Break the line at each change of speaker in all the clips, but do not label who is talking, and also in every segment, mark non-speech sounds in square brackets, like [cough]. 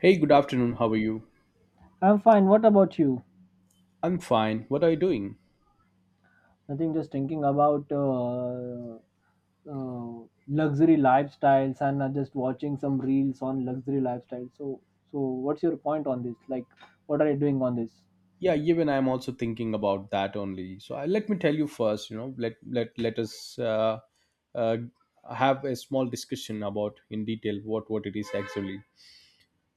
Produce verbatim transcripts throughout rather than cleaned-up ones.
Hey, good afternoon. How are you?
I'm fine. What about you?
I'm fine. What are you doing?
Nothing, just thinking about uh, uh, luxury lifestyles and uh, just watching some reels on luxury lifestyles. So, so what's your point on this? Like, what are you doing on this?
Yeah, even I'm also thinking about that only. So I, let me tell you first. You know, let let let us uh, uh, have a small discussion about in detail what what it is actually.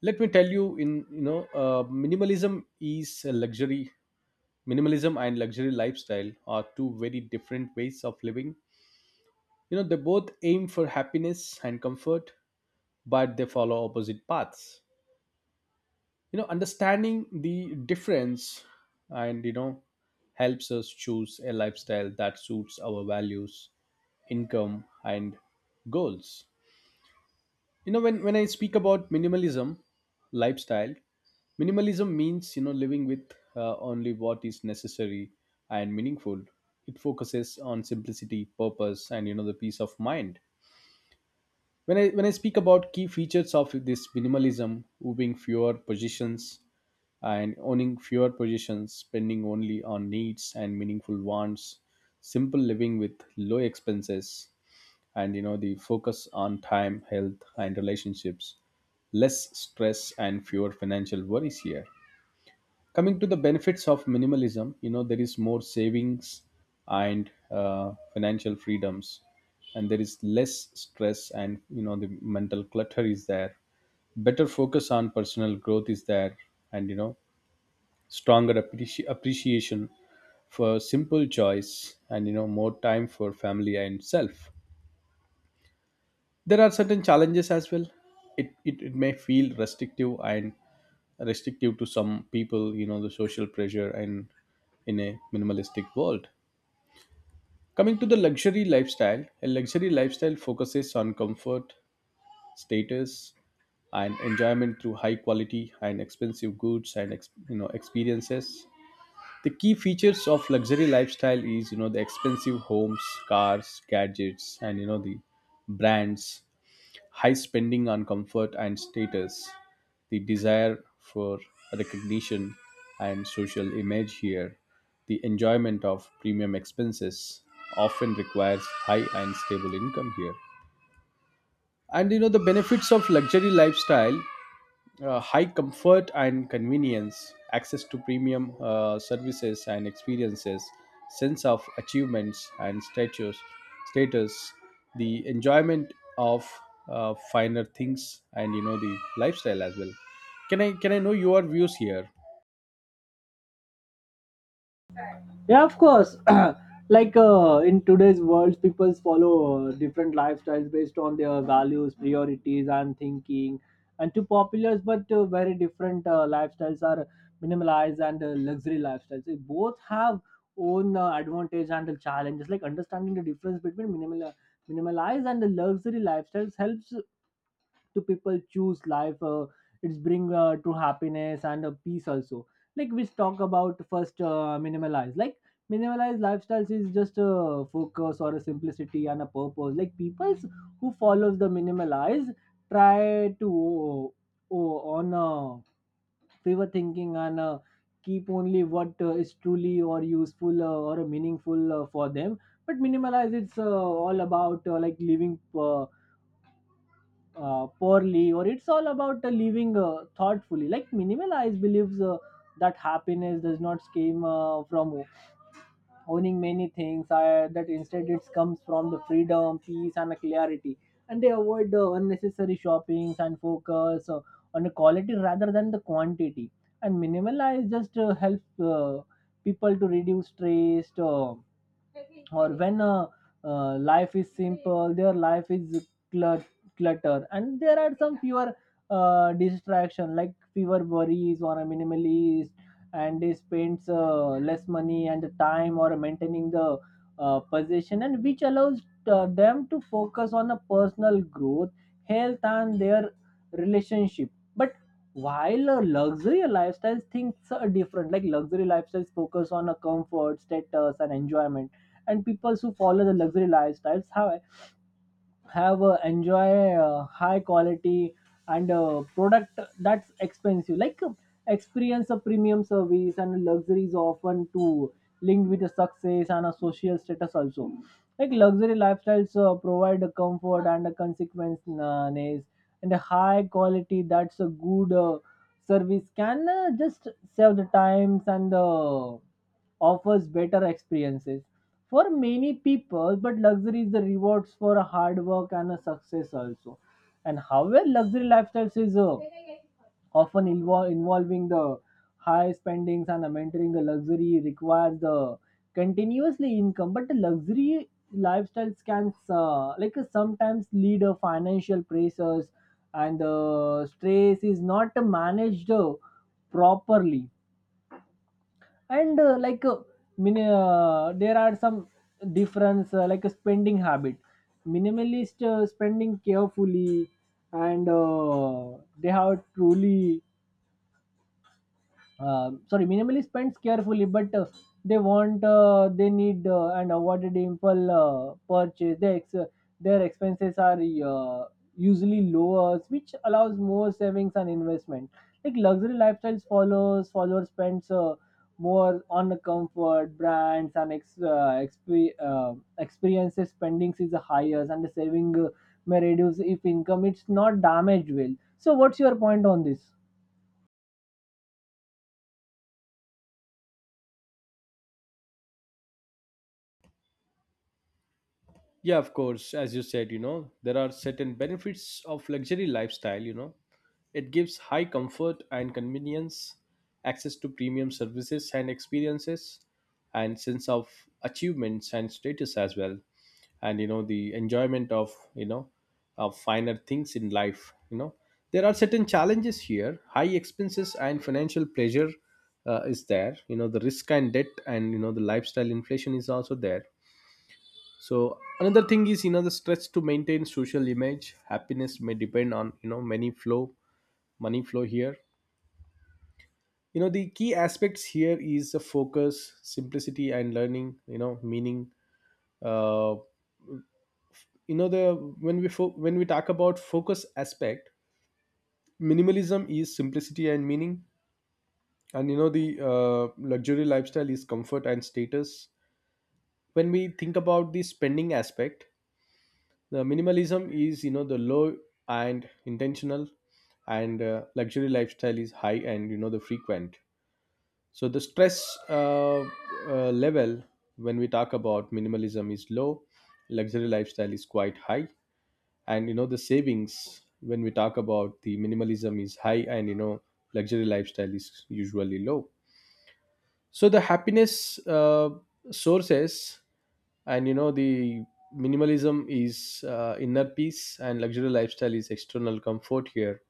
Let me tell you in you know uh, minimalism is a luxury. Minimalism and luxury lifestyle are two very different ways of living. You know, they both aim for happiness and comfort, but they follow opposite paths. You know, understanding the difference, and you know, helps us choose a lifestyle that suits our values, income, and goals. You know, when when I speak about minimalism lifestyle, minimalism means, you know, living with uh, only what is necessary and meaningful. It focuses on simplicity, purpose, and you know, the peace of mind. When I when I speak about key features of this minimalism, moving fewer positions and owning fewer positions, spending only on needs and meaningful wants, simple living with low expenses, and you know, the focus on time, health, and relationships, less stress and fewer financial worries here. Coming to the benefits of minimalism, you know, there is more savings and uh, financial freedoms, and there is less stress, and you know, the mental clutter is there, better focus on personal growth is there, and you know, stronger appreci- appreciation for simple joys, and you know, more time for family and self. There are certain challenges as well. It, it, it may feel restrictive and restrictive to some people, you know, the social pressure and in a minimalistic world. Coming to the luxury lifestyle, a luxury lifestyle focuses on comfort, status, and enjoyment through high quality and expensive goods and ex- you know, experiences. The key features of luxury lifestyle is, you know, the expensive homes, cars, gadgets, and you know, the brands. High spending on comfort and status, the desire for recognition and social image here, the enjoyment of premium expenses often requires high and stable income here. And you know, the benefits of luxury lifestyle, uh, high comfort and convenience, access to premium uh, services and experiences, sense of achievements and status, status, the enjoyment of uh, finer things, and you know, the lifestyle as well. Can I can I know your views here?
Yeah, of course. [clears throat] Like uh, in today's world, people follow uh, different lifestyles based on their values, priorities, and thinking. And two popular but uh, very different uh, lifestyles are minimalized and uh, luxury lifestyles. They both have own uh, advantage and the challenges. Like understanding the difference between minimal uh, minimalized and the luxury lifestyles helps to people choose life uh, It's bring uh, to happiness and uh, peace also, like we talk about first uh, minimalize. Like minimalized lifestyles is just a focus or a simplicity and a purpose. Like people who follows the minimalize try to oh, oh, on a favor thinking and uh, keep only what uh, is truly or useful uh, or uh, meaningful uh, for them. But minimalize it's uh, all about uh, like living uh, uh, poorly, or it's all about uh, living uh, thoughtfully. Like minimalize believes Uh, that happiness does not came uh, from owning many things I, that instead it comes from the freedom, peace, and a clarity, and they avoid the unnecessary shoppings and focus uh, on the quality rather than the quantity. And minimalize just uh, helps uh, people to reduce stress uh, or when uh, uh, life is simple, their life is clut- clutter and there are some fewer uh, distraction, like fewer worries or a minimalist, and they spends uh, less money and time or maintaining the uh, possession, and which allows uh, them to focus on a personal growth, health, and their relationship. But while a luxury lifestyle things are different, like luxury lifestyles focus on a comfort, status, and enjoyment, and people who follow the luxury lifestyles have have uh, enjoy uh, high quality and uh, product that's expensive, like uh, experience a premium service. And luxury is often to linked with a success and a social status also. Like luxury lifestyles uh, provide a comfort and a consequence uh, nice, and a high quality, that's a good uh, service, can uh, just save the times and uh, offers better experiences for many people. But luxury is the rewards for a hard work and a success also. And however luxury lifestyles is uh, often invo- involving the high spendings and uh, maintaining the luxury requires the continuously income. But the luxury lifestyles can uh, like uh, sometimes lead a financial pressures and uh, stress is not managed uh, properly. And uh, like uh, min- uh, there are some difference uh, like a spending habit. Minimalist uh, spending carefully and uh, they have truly uh, sorry, minimally spends carefully, but uh, they want uh, they need uh, and avoided impulse uh, purchase their, ex- uh, their expenses are uh, usually lower, which allows more savings and investment. Like luxury lifestyles follows followers spends uh, more on the comfort brands and ex, uh, exp- uh, experiences. Spendings is the highest and the saving uh, may reduce if income it's not damaged well. So what's your point on this?
Yeah, of course. As you said, you know, there are certain benefits of luxury lifestyle, you know. It gives high comfort and convenience, access to premium services and experiences, and sense of achievements and status as well. And you know, the enjoyment of, you know, of finer things in life, you know. There are certain challenges here. High expenses and financial pleasure uh, is there. You know, the risk and debt, and you know, the lifestyle inflation is also there. So another thing is, you know, the stress to maintain social image, happiness may depend on, you know, many flow, money flow here. You know, the key aspects here is the focus, simplicity, and learning, you know, meaning. uh, you know, the when we fo- when we talk about focus aspect, minimalism is simplicity and meaning, and you know, the uh, luxury lifestyle is comfort and status. When we think about the spending aspect, the minimalism is, you know, the low and intentional, and uh, luxury lifestyle is high and you know, the frequent. So the stress uh, uh, level, when we talk about minimalism, is low; luxury lifestyle is quite high. And you know, the savings, when we talk about the minimalism, is high, and you know, luxury lifestyle is usually low. So the happiness uh, sources, and you know, the minimalism is uh, inner peace, and luxury lifestyle is external comfort here.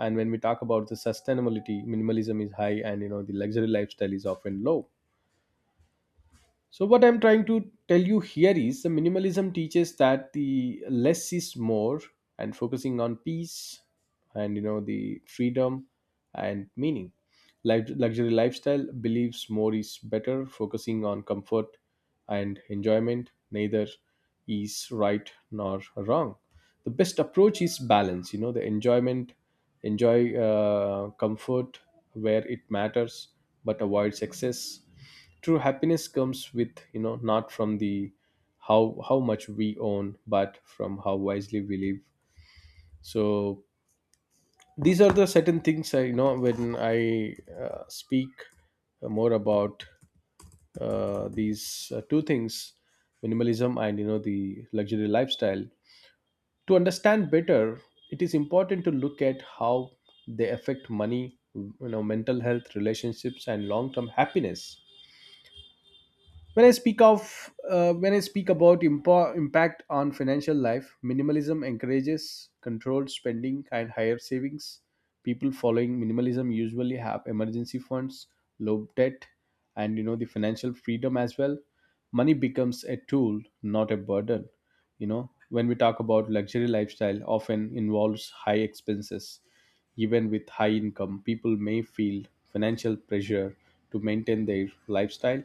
And when we talk about the sustainability, minimalism is high, and you know, the luxury lifestyle is often low. So, what I'm trying to tell you here is the minimalism teaches that the less is more, and focusing on peace, and you know, the freedom and meaning. Like luxury lifestyle believes more is better, focusing on comfort and enjoyment. Neither is right nor wrong. The best approach is balance, you know, the enjoyment, enjoy uh, comfort where it matters, but avoids excess. True happiness comes with, you know, not from the how how much we own, but from how wisely we live. So these are the certain things, I you know, when I uh, speak more about uh, these uh, two things, minimalism, and you know, the luxury lifestyle. To understand better, it is important to look at how they affect money, you know, mental health, relationships, and long term happiness. When I speak of uh, when I speak about impo- impact on financial life, minimalism encourages controlled spending and higher savings. People following minimalism usually have emergency funds, low debt, and you know, the financial freedom as well. Money becomes a tool, not a burden. You know, when we talk about luxury lifestyle, often involves high expenses. Even with high income, people may feel financial pressure to maintain their lifestyle,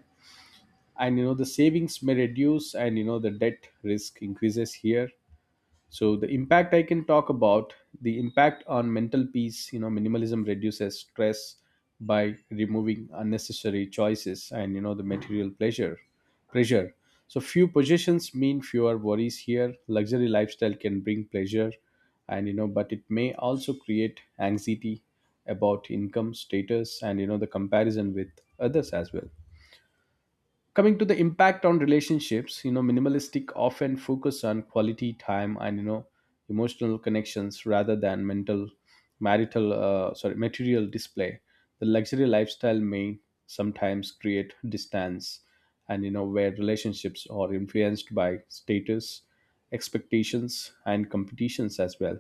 and you know, the savings may reduce, and you know, the debt risk increases here. So the impact I can talk about, the impact on mental peace, you know, minimalism reduces stress by removing unnecessary choices, and you know, the material pleasure, pressure. So few possessions mean fewer worries here. Luxury lifestyle can bring pleasure, and you know, but it may also create anxiety about income, status, and you know, the comparison with others as well. Coming to the impact on relationships, you know, minimalistic often focus on quality time, and you know, emotional connections rather than mental, marital uh, sorry, material display. The luxury lifestyle may sometimes create distance, and you know, where relationships are influenced by status, expectations, and competitions as well.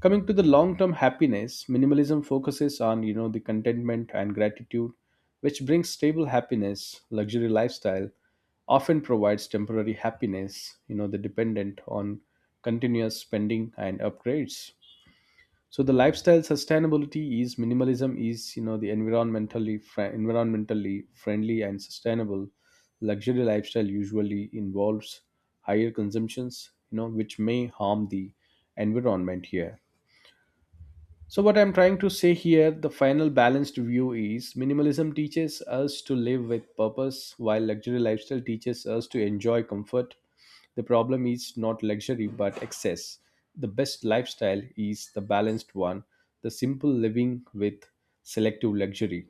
Coming to the long term happiness, minimalism focuses on, you know, the contentment and gratitude, which brings stable happiness. Luxury lifestyle often provides temporary happiness, you know, the dependent on continuous spending and upgrades. So the lifestyle sustainability is, minimalism is, you know, the environmentally fri- environmentally friendly and sustainable. Luxury lifestyle usually involves higher consumptions, you know, which may harm the environment here. So, what I'm trying to say here, the final balanced view is minimalism teaches us to live with purpose, while luxury lifestyle teaches us to enjoy comfort. The problem is not luxury but excess. The best lifestyle is the balanced one, the simple living with selective luxury.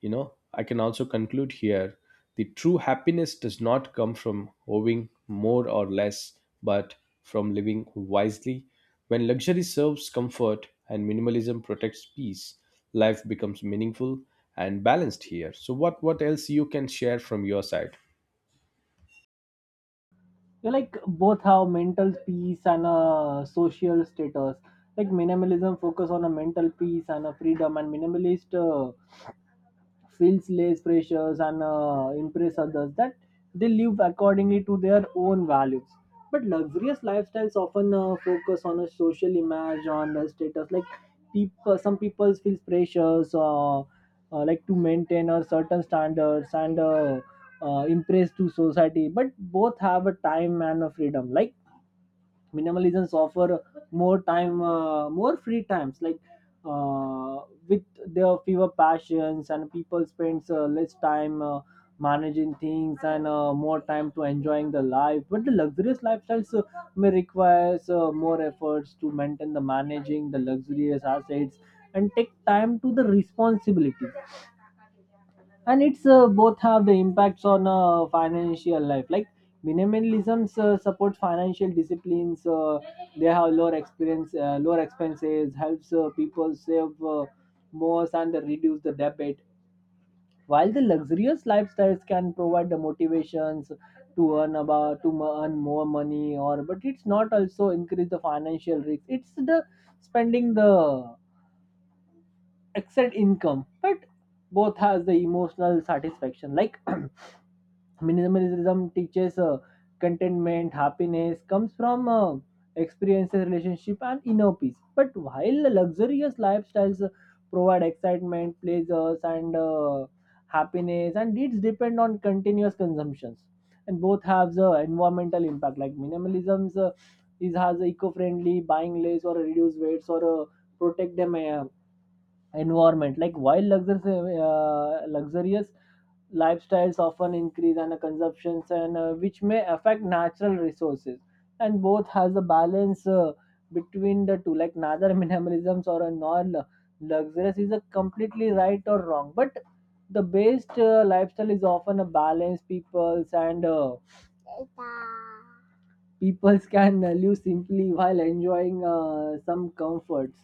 You know, I can also conclude here the true happiness does not come from owing more or less, but from living wisely. When luxury serves comfort and minimalism protects peace, life becomes meaningful and balanced here. So, what, what else you can share from your side?
You like both have mental peace and a social status. Like minimalism focus on a mental peace and a freedom, and minimalist uh, feels less pressures and uh, impress others, that they live accordingly to their own values. But luxurious lifestyles often uh, focus on a social image, on the status. Like people, some people feels pressures uh, uh, like to maintain a certain standards and uh, uh, impress to society. But both have a time and a freedom, like minimalisms offer more time uh, more free times, like uh, with their fewer passions, and people spends uh, less time uh, managing things and uh, more time to enjoying the life. But the luxurious lifestyles uh, may requires uh, more efforts to maintain the managing the luxurious assets and take time to the responsibility. And it's uh, both have the impacts on uh, financial life. Like minimalism uh, supports financial disciplines, uh, they have lower experience uh, lower expenses helps uh, people save uh, more and reduce the debt, while the luxurious lifestyles can provide the motivations to earn about to mo- earn more money, or but it's not also increase the financial risk it's the spending the excess income. But both has the emotional satisfaction, like [clears throat] minimalism teaches uh, contentment, happiness comes from uh, experiences, relationship, and inner peace. But while the luxurious lifestyles uh, provide excitement, pleasures, and uh, happiness, and needs depend on continuous consumptions. And both have the environmental impact. Like minimalism uh, is has eco-friendly, buying less or reduce weights or uh, protect them uh, environment, like while luxurious, uh, luxurious lifestyles often increase and uh, consumptions and uh, which may affect natural resources. And both has a balance uh, between the two, like neither [laughs] minimalisms or a non luxurious is a completely right or wrong, but the best uh, lifestyle is often a balance people's, and uh, people can uh, live simply while enjoying uh, some comforts.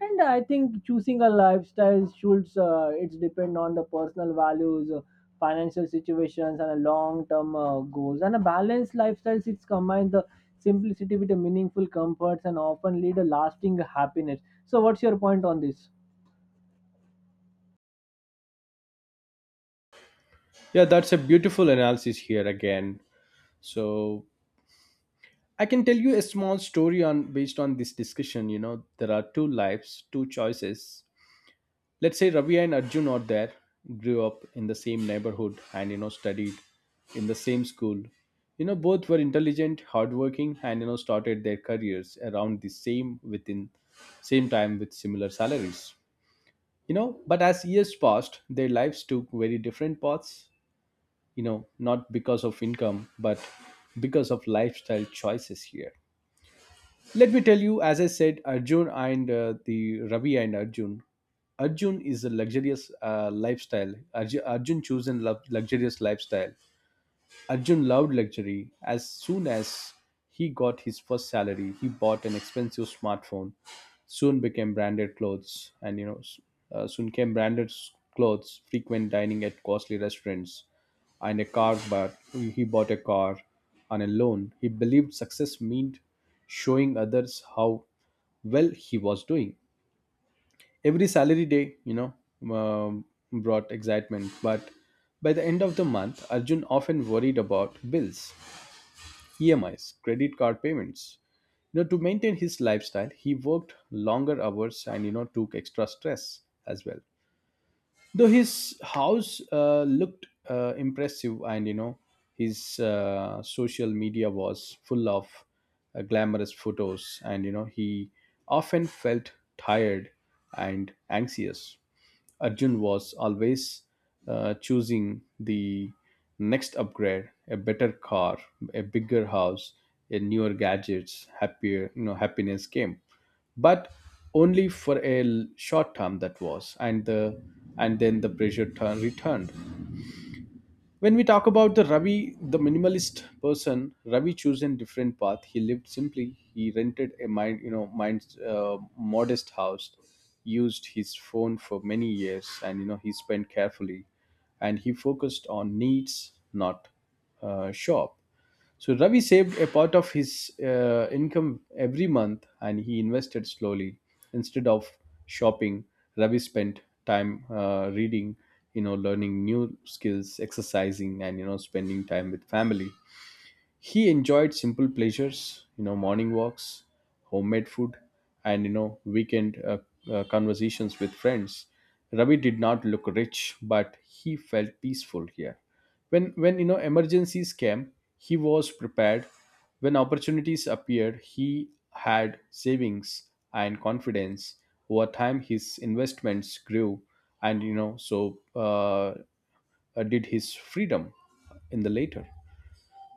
And I think choosing a lifestyle should uh, it's depend on the personal values, uh, financial situations, and a long term uh, goals. And a balanced lifestyle, it's combine the simplicity with the meaningful comforts and often lead a lasting happiness. So what's your point on this?
Yeah, that's a beautiful analysis here again. So I can tell you a small story on based on this discussion. You know, there are two lives, two choices. Let's say Ravi and Arjun are there, grew up in the same neighborhood, and you know, studied in the same school. You know, both were intelligent, hardworking, and you know, started their careers around the same within same time with similar salaries. You know, but as years passed, their lives took very different paths, you know, not because of income, but because of lifestyle choices here. Let me tell you, as I said, Arjun and uh, the Ravi and Arjun. Arjun is a luxurious uh, lifestyle. Arju- Arjun chosen love luxurious lifestyle. Arjun loved luxury. As soon as he got his first salary, he bought an expensive smartphone. Soon became branded clothes, and you know, s- uh, soon came branded s- clothes, frequent dining at costly restaurants, and a car. But he bought a car on a loan. He believed success meant showing others how well he was doing. Every salary day, you know, um, brought excitement, but by the end of the month, Arjun often worried about bills, E M Is, credit card payments. You know, to maintain his lifestyle, he worked longer hours, and you know, took extra stress as well. Though his house uh, looked uh, impressive, and you know, his uh, social media was full of uh, glamorous photos, and you know, he often felt tired and anxious. Arjun was always uh, choosing the next upgrade, a better car, a bigger house, a newer gadgets, happier, you know, happiness came. But only for a l- short term that was, and the and then the pressure turn returned. When we talk about the Ravi, the minimalist person, Ravi chose a different path. He lived simply. He rented a mind, you know, mind's uh, modest house, used his phone for many years, and you know, he spent carefully, and he focused on needs, not uh, shop. So Ravi saved a part of his uh, income every month, and he invested slowly. Instead of shopping, Ravi spent time uh, reading, you know, learning new skills, exercising, and you know, spending time with family. He enjoyed simple pleasures, you know, morning walks, homemade food, and you know, weekend uh, uh, conversations with friends. Ravi did not look rich, but he felt peaceful here. When when you know emergencies came, he was prepared. When opportunities appeared, he had savings and confidence. Over time, his investments grew, and you know, so uh, uh, did his freedom in the later.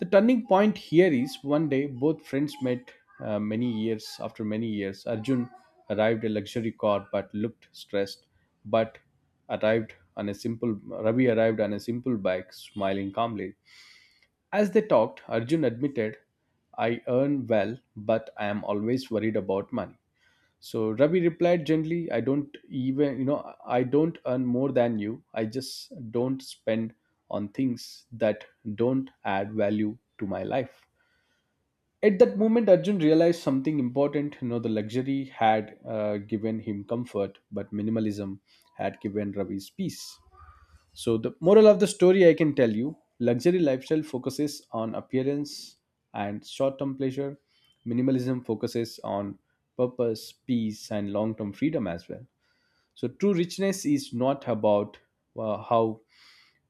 The turning point here is one day both friends met uh, many years after many years. Arjun arrived a luxury car but looked stressed, but arrived on a simple Ravi arrived on a simple bike, smiling calmly. As they talked, Arjun admitted, "I earn well, but I am always worried about money." So Ravi replied gently, I don't even, you know, I don't earn more than you. I just don't spend on things that don't add value to my life. At that moment, Arjun realized something important. You know, the luxury had uh, given him comfort, but minimalism had given Ravi's peace. So, the moral of the story I can tell you luxury lifestyle focuses on appearance and short term pleasure. Minimalism focuses on purpose, peace, and long term freedom as well. So, true richness is not about uh, how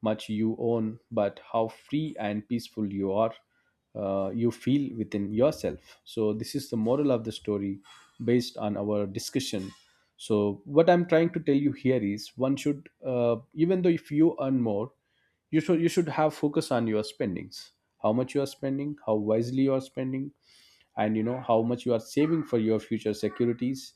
much you own, but how free and peaceful you are, uh, you feel within yourself. So, this is the moral of the story based on our discussion. So, what I'm trying to tell you here is one should, uh, even though if you earn more, you should you should have focus on your spendings, how much you are spending, how wisely you are spending, and you know how much you are saving for your future securities,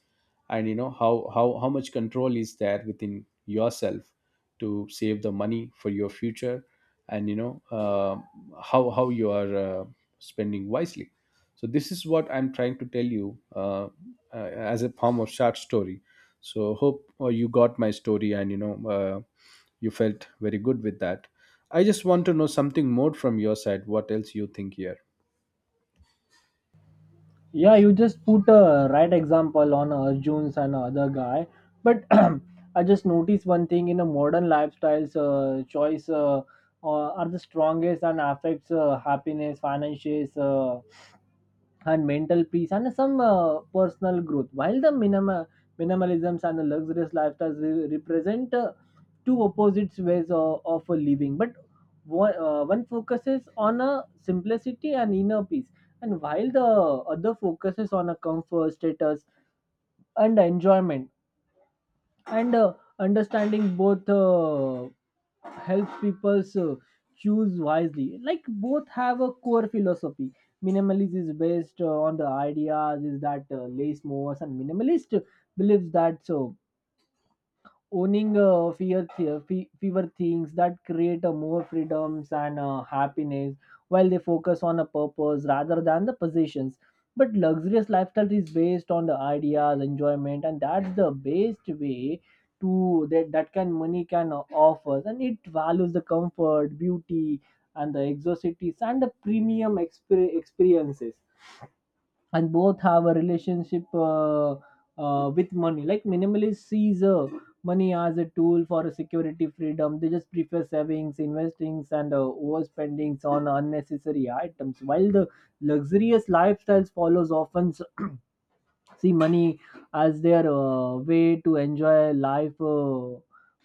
and you know how how, how much control is there within yourself to save the money for your future, and you know uh, how how you are uh, spending wisely. So this is what I'm trying to tell you uh, uh, as a form of short story. So hope uh, you got my story, and you know uh, you felt very good with that. I just want to know something more from your side, what else you think here.
Yeah, you just put a right example on Arjun's and other guy. But [clears throat] I just noticed one thing. In a modern lifestyles, uh, choice uh, uh, are the strongest and affects uh, happiness, finances, Uh, and mental peace and some uh, personal growth. While the minima, minimalisms and the luxurious lifestyles re- represent uh, two opposite ways of, of a living, but one, uh, one focuses on a simplicity and inner peace, and while the other focuses on a comfort, status, and enjoyment. And uh, understanding both uh, helps people uh, choose wisely. Like both have a core philosophy. Minimalism is based uh, on the ideas is that uh, less more, and minimalist believes that so owning uh, fewer, th- fe- fewer things that create a more freedoms and uh, happiness, while they focus on a purpose rather than the possessions. But luxurious lifestyle is based on the ideas enjoyment and that's the best way to that, that can money can uh, offer, and it values the comfort, beauty, and the exotics and the premium exper- experiences. And both have a relationship uh, uh, with money. Like minimalist sees uh, money as a tool for a security, freedom, they just prefer savings, investings, and uh, overspendings on unnecessary items, while the luxurious lifestyles follows often s- see money as their uh, way to enjoy life uh,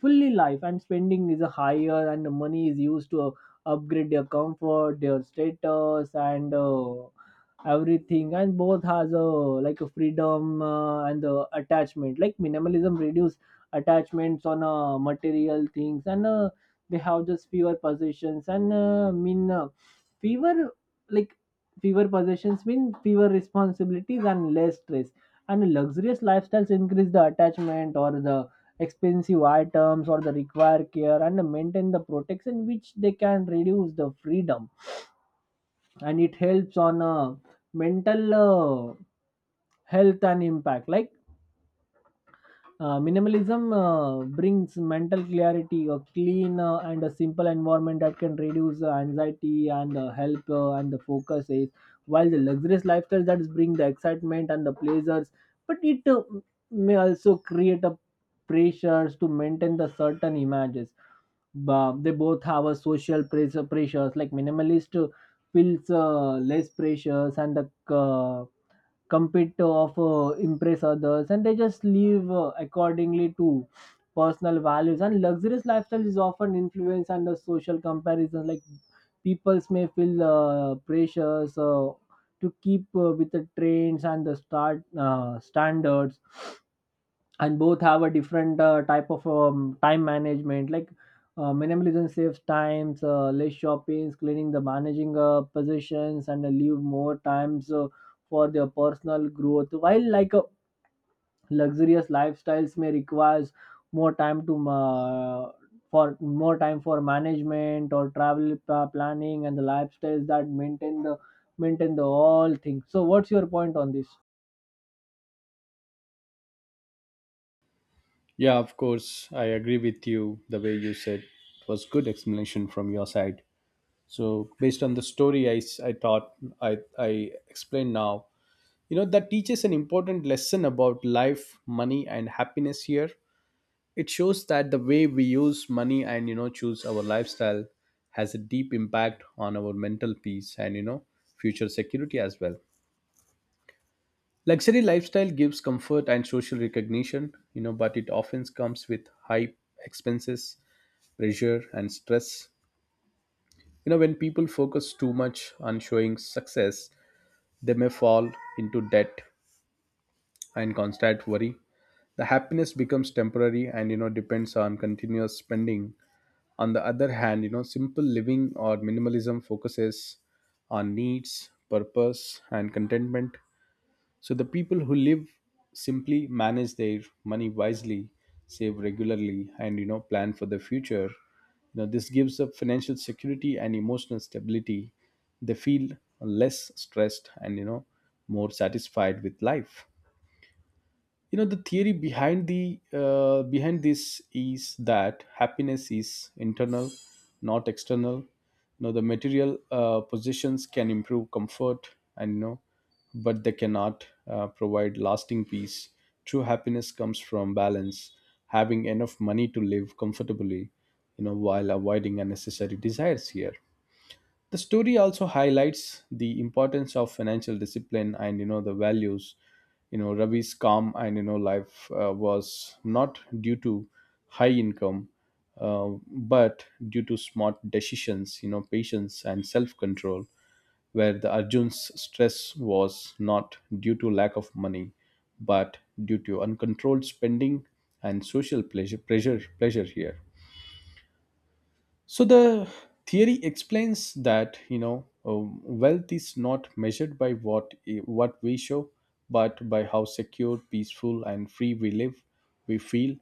fully life, and spending is a higher, and the money is used to uh, upgrade their comfort, their status, and uh, everything. And both has a like a freedom uh, and the attachment. Like minimalism reduce attachments on uh, material things, and uh, they have just fewer possessions and uh, mean uh, fewer, like fewer possessions mean fewer responsibilities and less stress. And luxurious lifestyles increase the attachment, or the expensive items, or the require care and maintain the protection, which they can reduce the freedom. And it helps on uh, mental uh, health and impact. Like uh, minimalism uh, brings mental clarity, a clean uh, and a simple environment that can reduce uh, anxiety and uh, help uh, and the focus is, while the luxurious lifestyle that bring the excitement and the pleasures, but it uh, may also create a pressures to maintain the certain images. Ba- they both have a social pressure pressures. Like minimalist uh, feels uh, less pressures and the uh, compete to of uh, impress others, and they just live uh, accordingly to personal values. And luxurious lifestyle is often influenced under social comparison, like peoples may feel uh, pressures uh, to keep uh, with the trends and the start uh, standards. And both have a different uh, type of um, time management. Like uh, minimalism saves times uh, less shopping, cleaning, the managing uh, possessions, and uh, leave more times uh, for their personal growth, while like uh, luxurious lifestyles may requires more time to uh, for more time for management or travel pa- planning and the lifestyles that maintain the maintain the all things. So what's your point on this?
Yeah, of course. I agree with you. The way you said it was good explanation from your side. So based on the story I, s- I thought I, I explained now, you know, that teaches an important lesson about life, money and happiness here. It shows that the way we use money and, you know, choose our lifestyle has a deep impact on our mental peace and, you know, future security as well. Luxury lifestyle gives comfort and social recognition, you know, but it often comes with high expenses, pressure, and stress. You know, when people focus too much on showing success, they may fall into debt and constant worry. The happiness becomes temporary and, you know, depends on continuous spending. On the other hand, you know, simple living or minimalism focuses on needs, purpose, and contentment. So the people who live simply manage their money wisely, save regularly, and you know plan for the future. You know this gives up financial security and emotional stability. They feel less stressed and you know more satisfied with life. You know, the theory behind the uh, behind this is that happiness is internal, not external. You know, the material uh, possessions can improve comfort, and you know, but they cannot uh, provide lasting peace. True happiness comes from balance, having enough money to live comfortably, you know, while avoiding unnecessary desires here. The story also highlights the importance of financial discipline and you know the values. You know, Ravi's calm and you know life uh, was not due to high income, uh, but due to smart decisions. You know, patience and self control. Where the Arjun's stress was not due to lack of money, but due to uncontrolled spending and social pleasure. Pleasure, pleasure here. So the theory explains that you know um, wealth is not measured by what eh, what we show, but by how secure, peaceful, and free we live, we feel.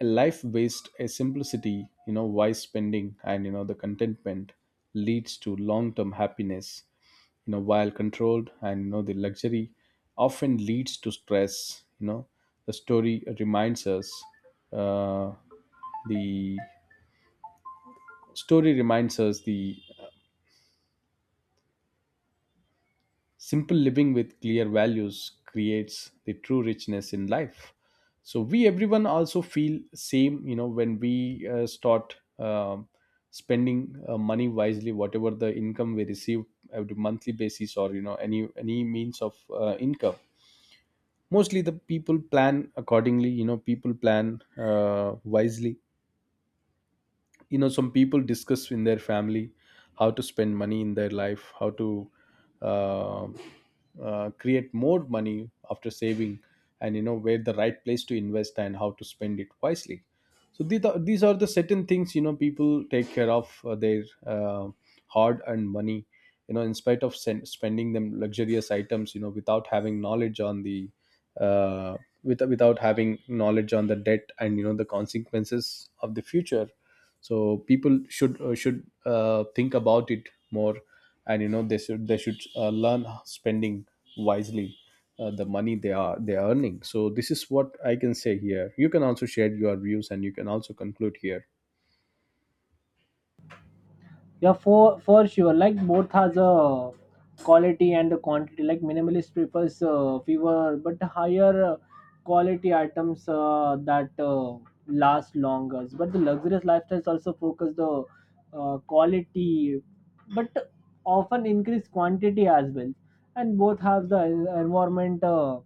A life based a simplicity, you know, wise spending, and you know the contentment leads to long term happiness. You know, while controlled and you know the luxury often leads to stress. You know, the story reminds us uh, the Story reminds us the simple living with clear values creates the true richness in life. So we everyone also feel same, you know, when we uh, start um spending uh, money wisely, whatever the income we receive every monthly basis, or you know any any means of uh, income. Mostly the people plan accordingly. You know, people plan uh, wisely. You know, some people discuss in their family how to spend money in their life, how to uh, uh, create more money after saving, and you know where the right place to invest and how to spend it wisely. So these are, these are the certain things, you know, people take care of uh, their uh, hard earned money, you know, in spite of sen- spending them luxurious items, you know, without having knowledge on the uh, with, without having knowledge on the debt and you know the consequences of the future. So people should uh, should uh, think about it more, and you know they should they should uh, learn spending wisely uh, the money they are they are earning. So this is what I can say here. You can also share your views and you can also conclude here.
Yeah, for for sure, like both has a quality and the quantity. Like minimalist prefers uh, fewer but higher uh, quality items uh, that uh, last longer, but the luxurious lifestyles also focus the uh, quality, but often increase quantity as well. And both have the environment uh,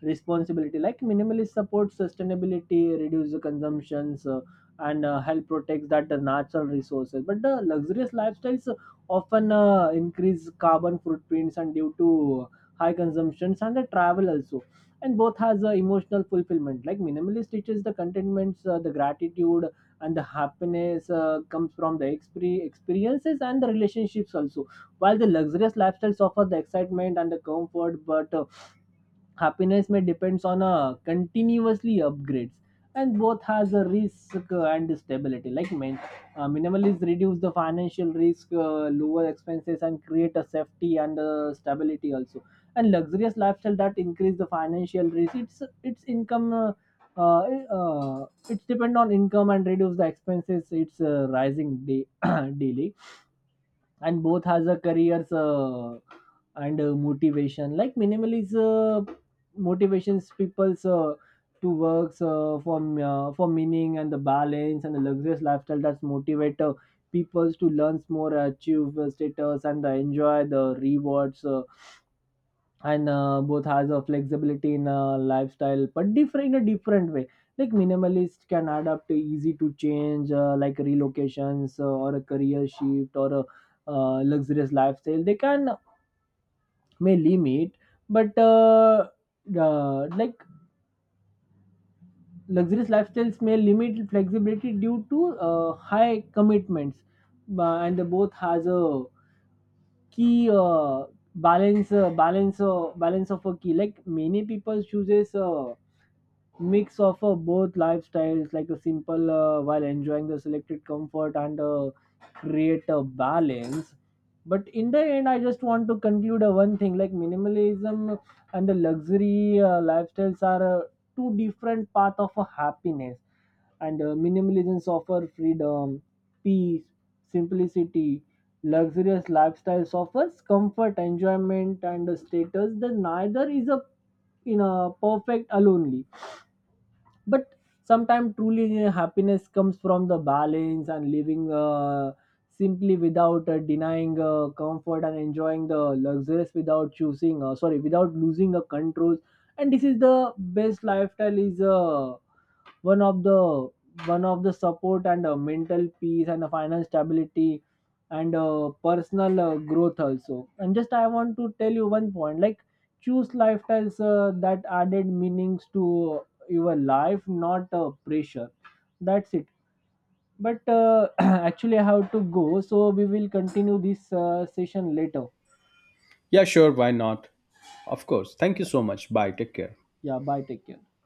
responsibility. Like minimalist supports sustainability, reduce the consumptions, uh, and uh, help protects that the natural resources, but the luxurious lifestyles often uh, increase carbon footprints and due to high consumptions and the travel also. And both has uh, emotional fulfillment. Like minimalist teaches the contentments, uh, the gratitude, and the happiness uh, comes from the exper- experiences and the relationships also, while the luxurious lifestyles offer the excitement and the comfort, but uh, happiness may depends on a continuously upgrades. And both has a risk uh, and stability. Like main, uh, minimalist reduce the financial risk, uh, lower expenses and create a safety and uh, stability also, and luxurious lifestyle that increase the financial risk. it's it's income, uh, uh, uh, it's depend on income and reduce the expenses it's uh, rising day, [clears throat] daily. And both has a careers uh, and uh, motivation. Like minimalism uh, motivations people's uh, to works uh, for uh, for meaning and the balance, and the luxurious lifestyle that's motivate uh, people to learn more, achieve uh, status, and uh, enjoy the rewards uh, and uh, both has a flexibility in uh, lifestyle, but different in a different way. Like minimalist can adapt to easy to change uh, like relocations uh, or a career shift, or a uh, luxurious lifestyle they can may limit, but uh, uh, like luxurious lifestyles may limit flexibility due to uh, high commitments. Ba- and the both has a key uh, balance uh, balance uh, balance of a key. Like many people chooses uh, mix of uh, both lifestyles, like a simple uh, while enjoying the selected comfort and uh, create a balance. But in the end, I just want to conclude uh, one thing. Like minimalism and the luxury uh, lifestyles are uh, two different path of uh, happiness. And uh, minimalism offer freedom, peace, simplicity. Luxurious lifestyles offers comfort, enjoyment, and uh, status. Then neither is a in a perfect alone, but sometimes truly uh, happiness comes from the balance, and living uh, simply without uh, denying uh, comfort, and enjoying the luxuries without choosing uh, sorry, without losing the controls. And this is the best lifestyle is uh, one of the one of the support and uh, mental peace and uh, financial stability and uh, personal uh, growth also. And just I want to tell you one point, like choose lifestyles uh, that added meanings to your life, not a pressure. That's it. But uh, [clears throat] actually I have to go, so we will continue this uh, session later.
Yeah, sure, why not. Of course, thank you so much. Bye, take care.
Yeah, bye, take care.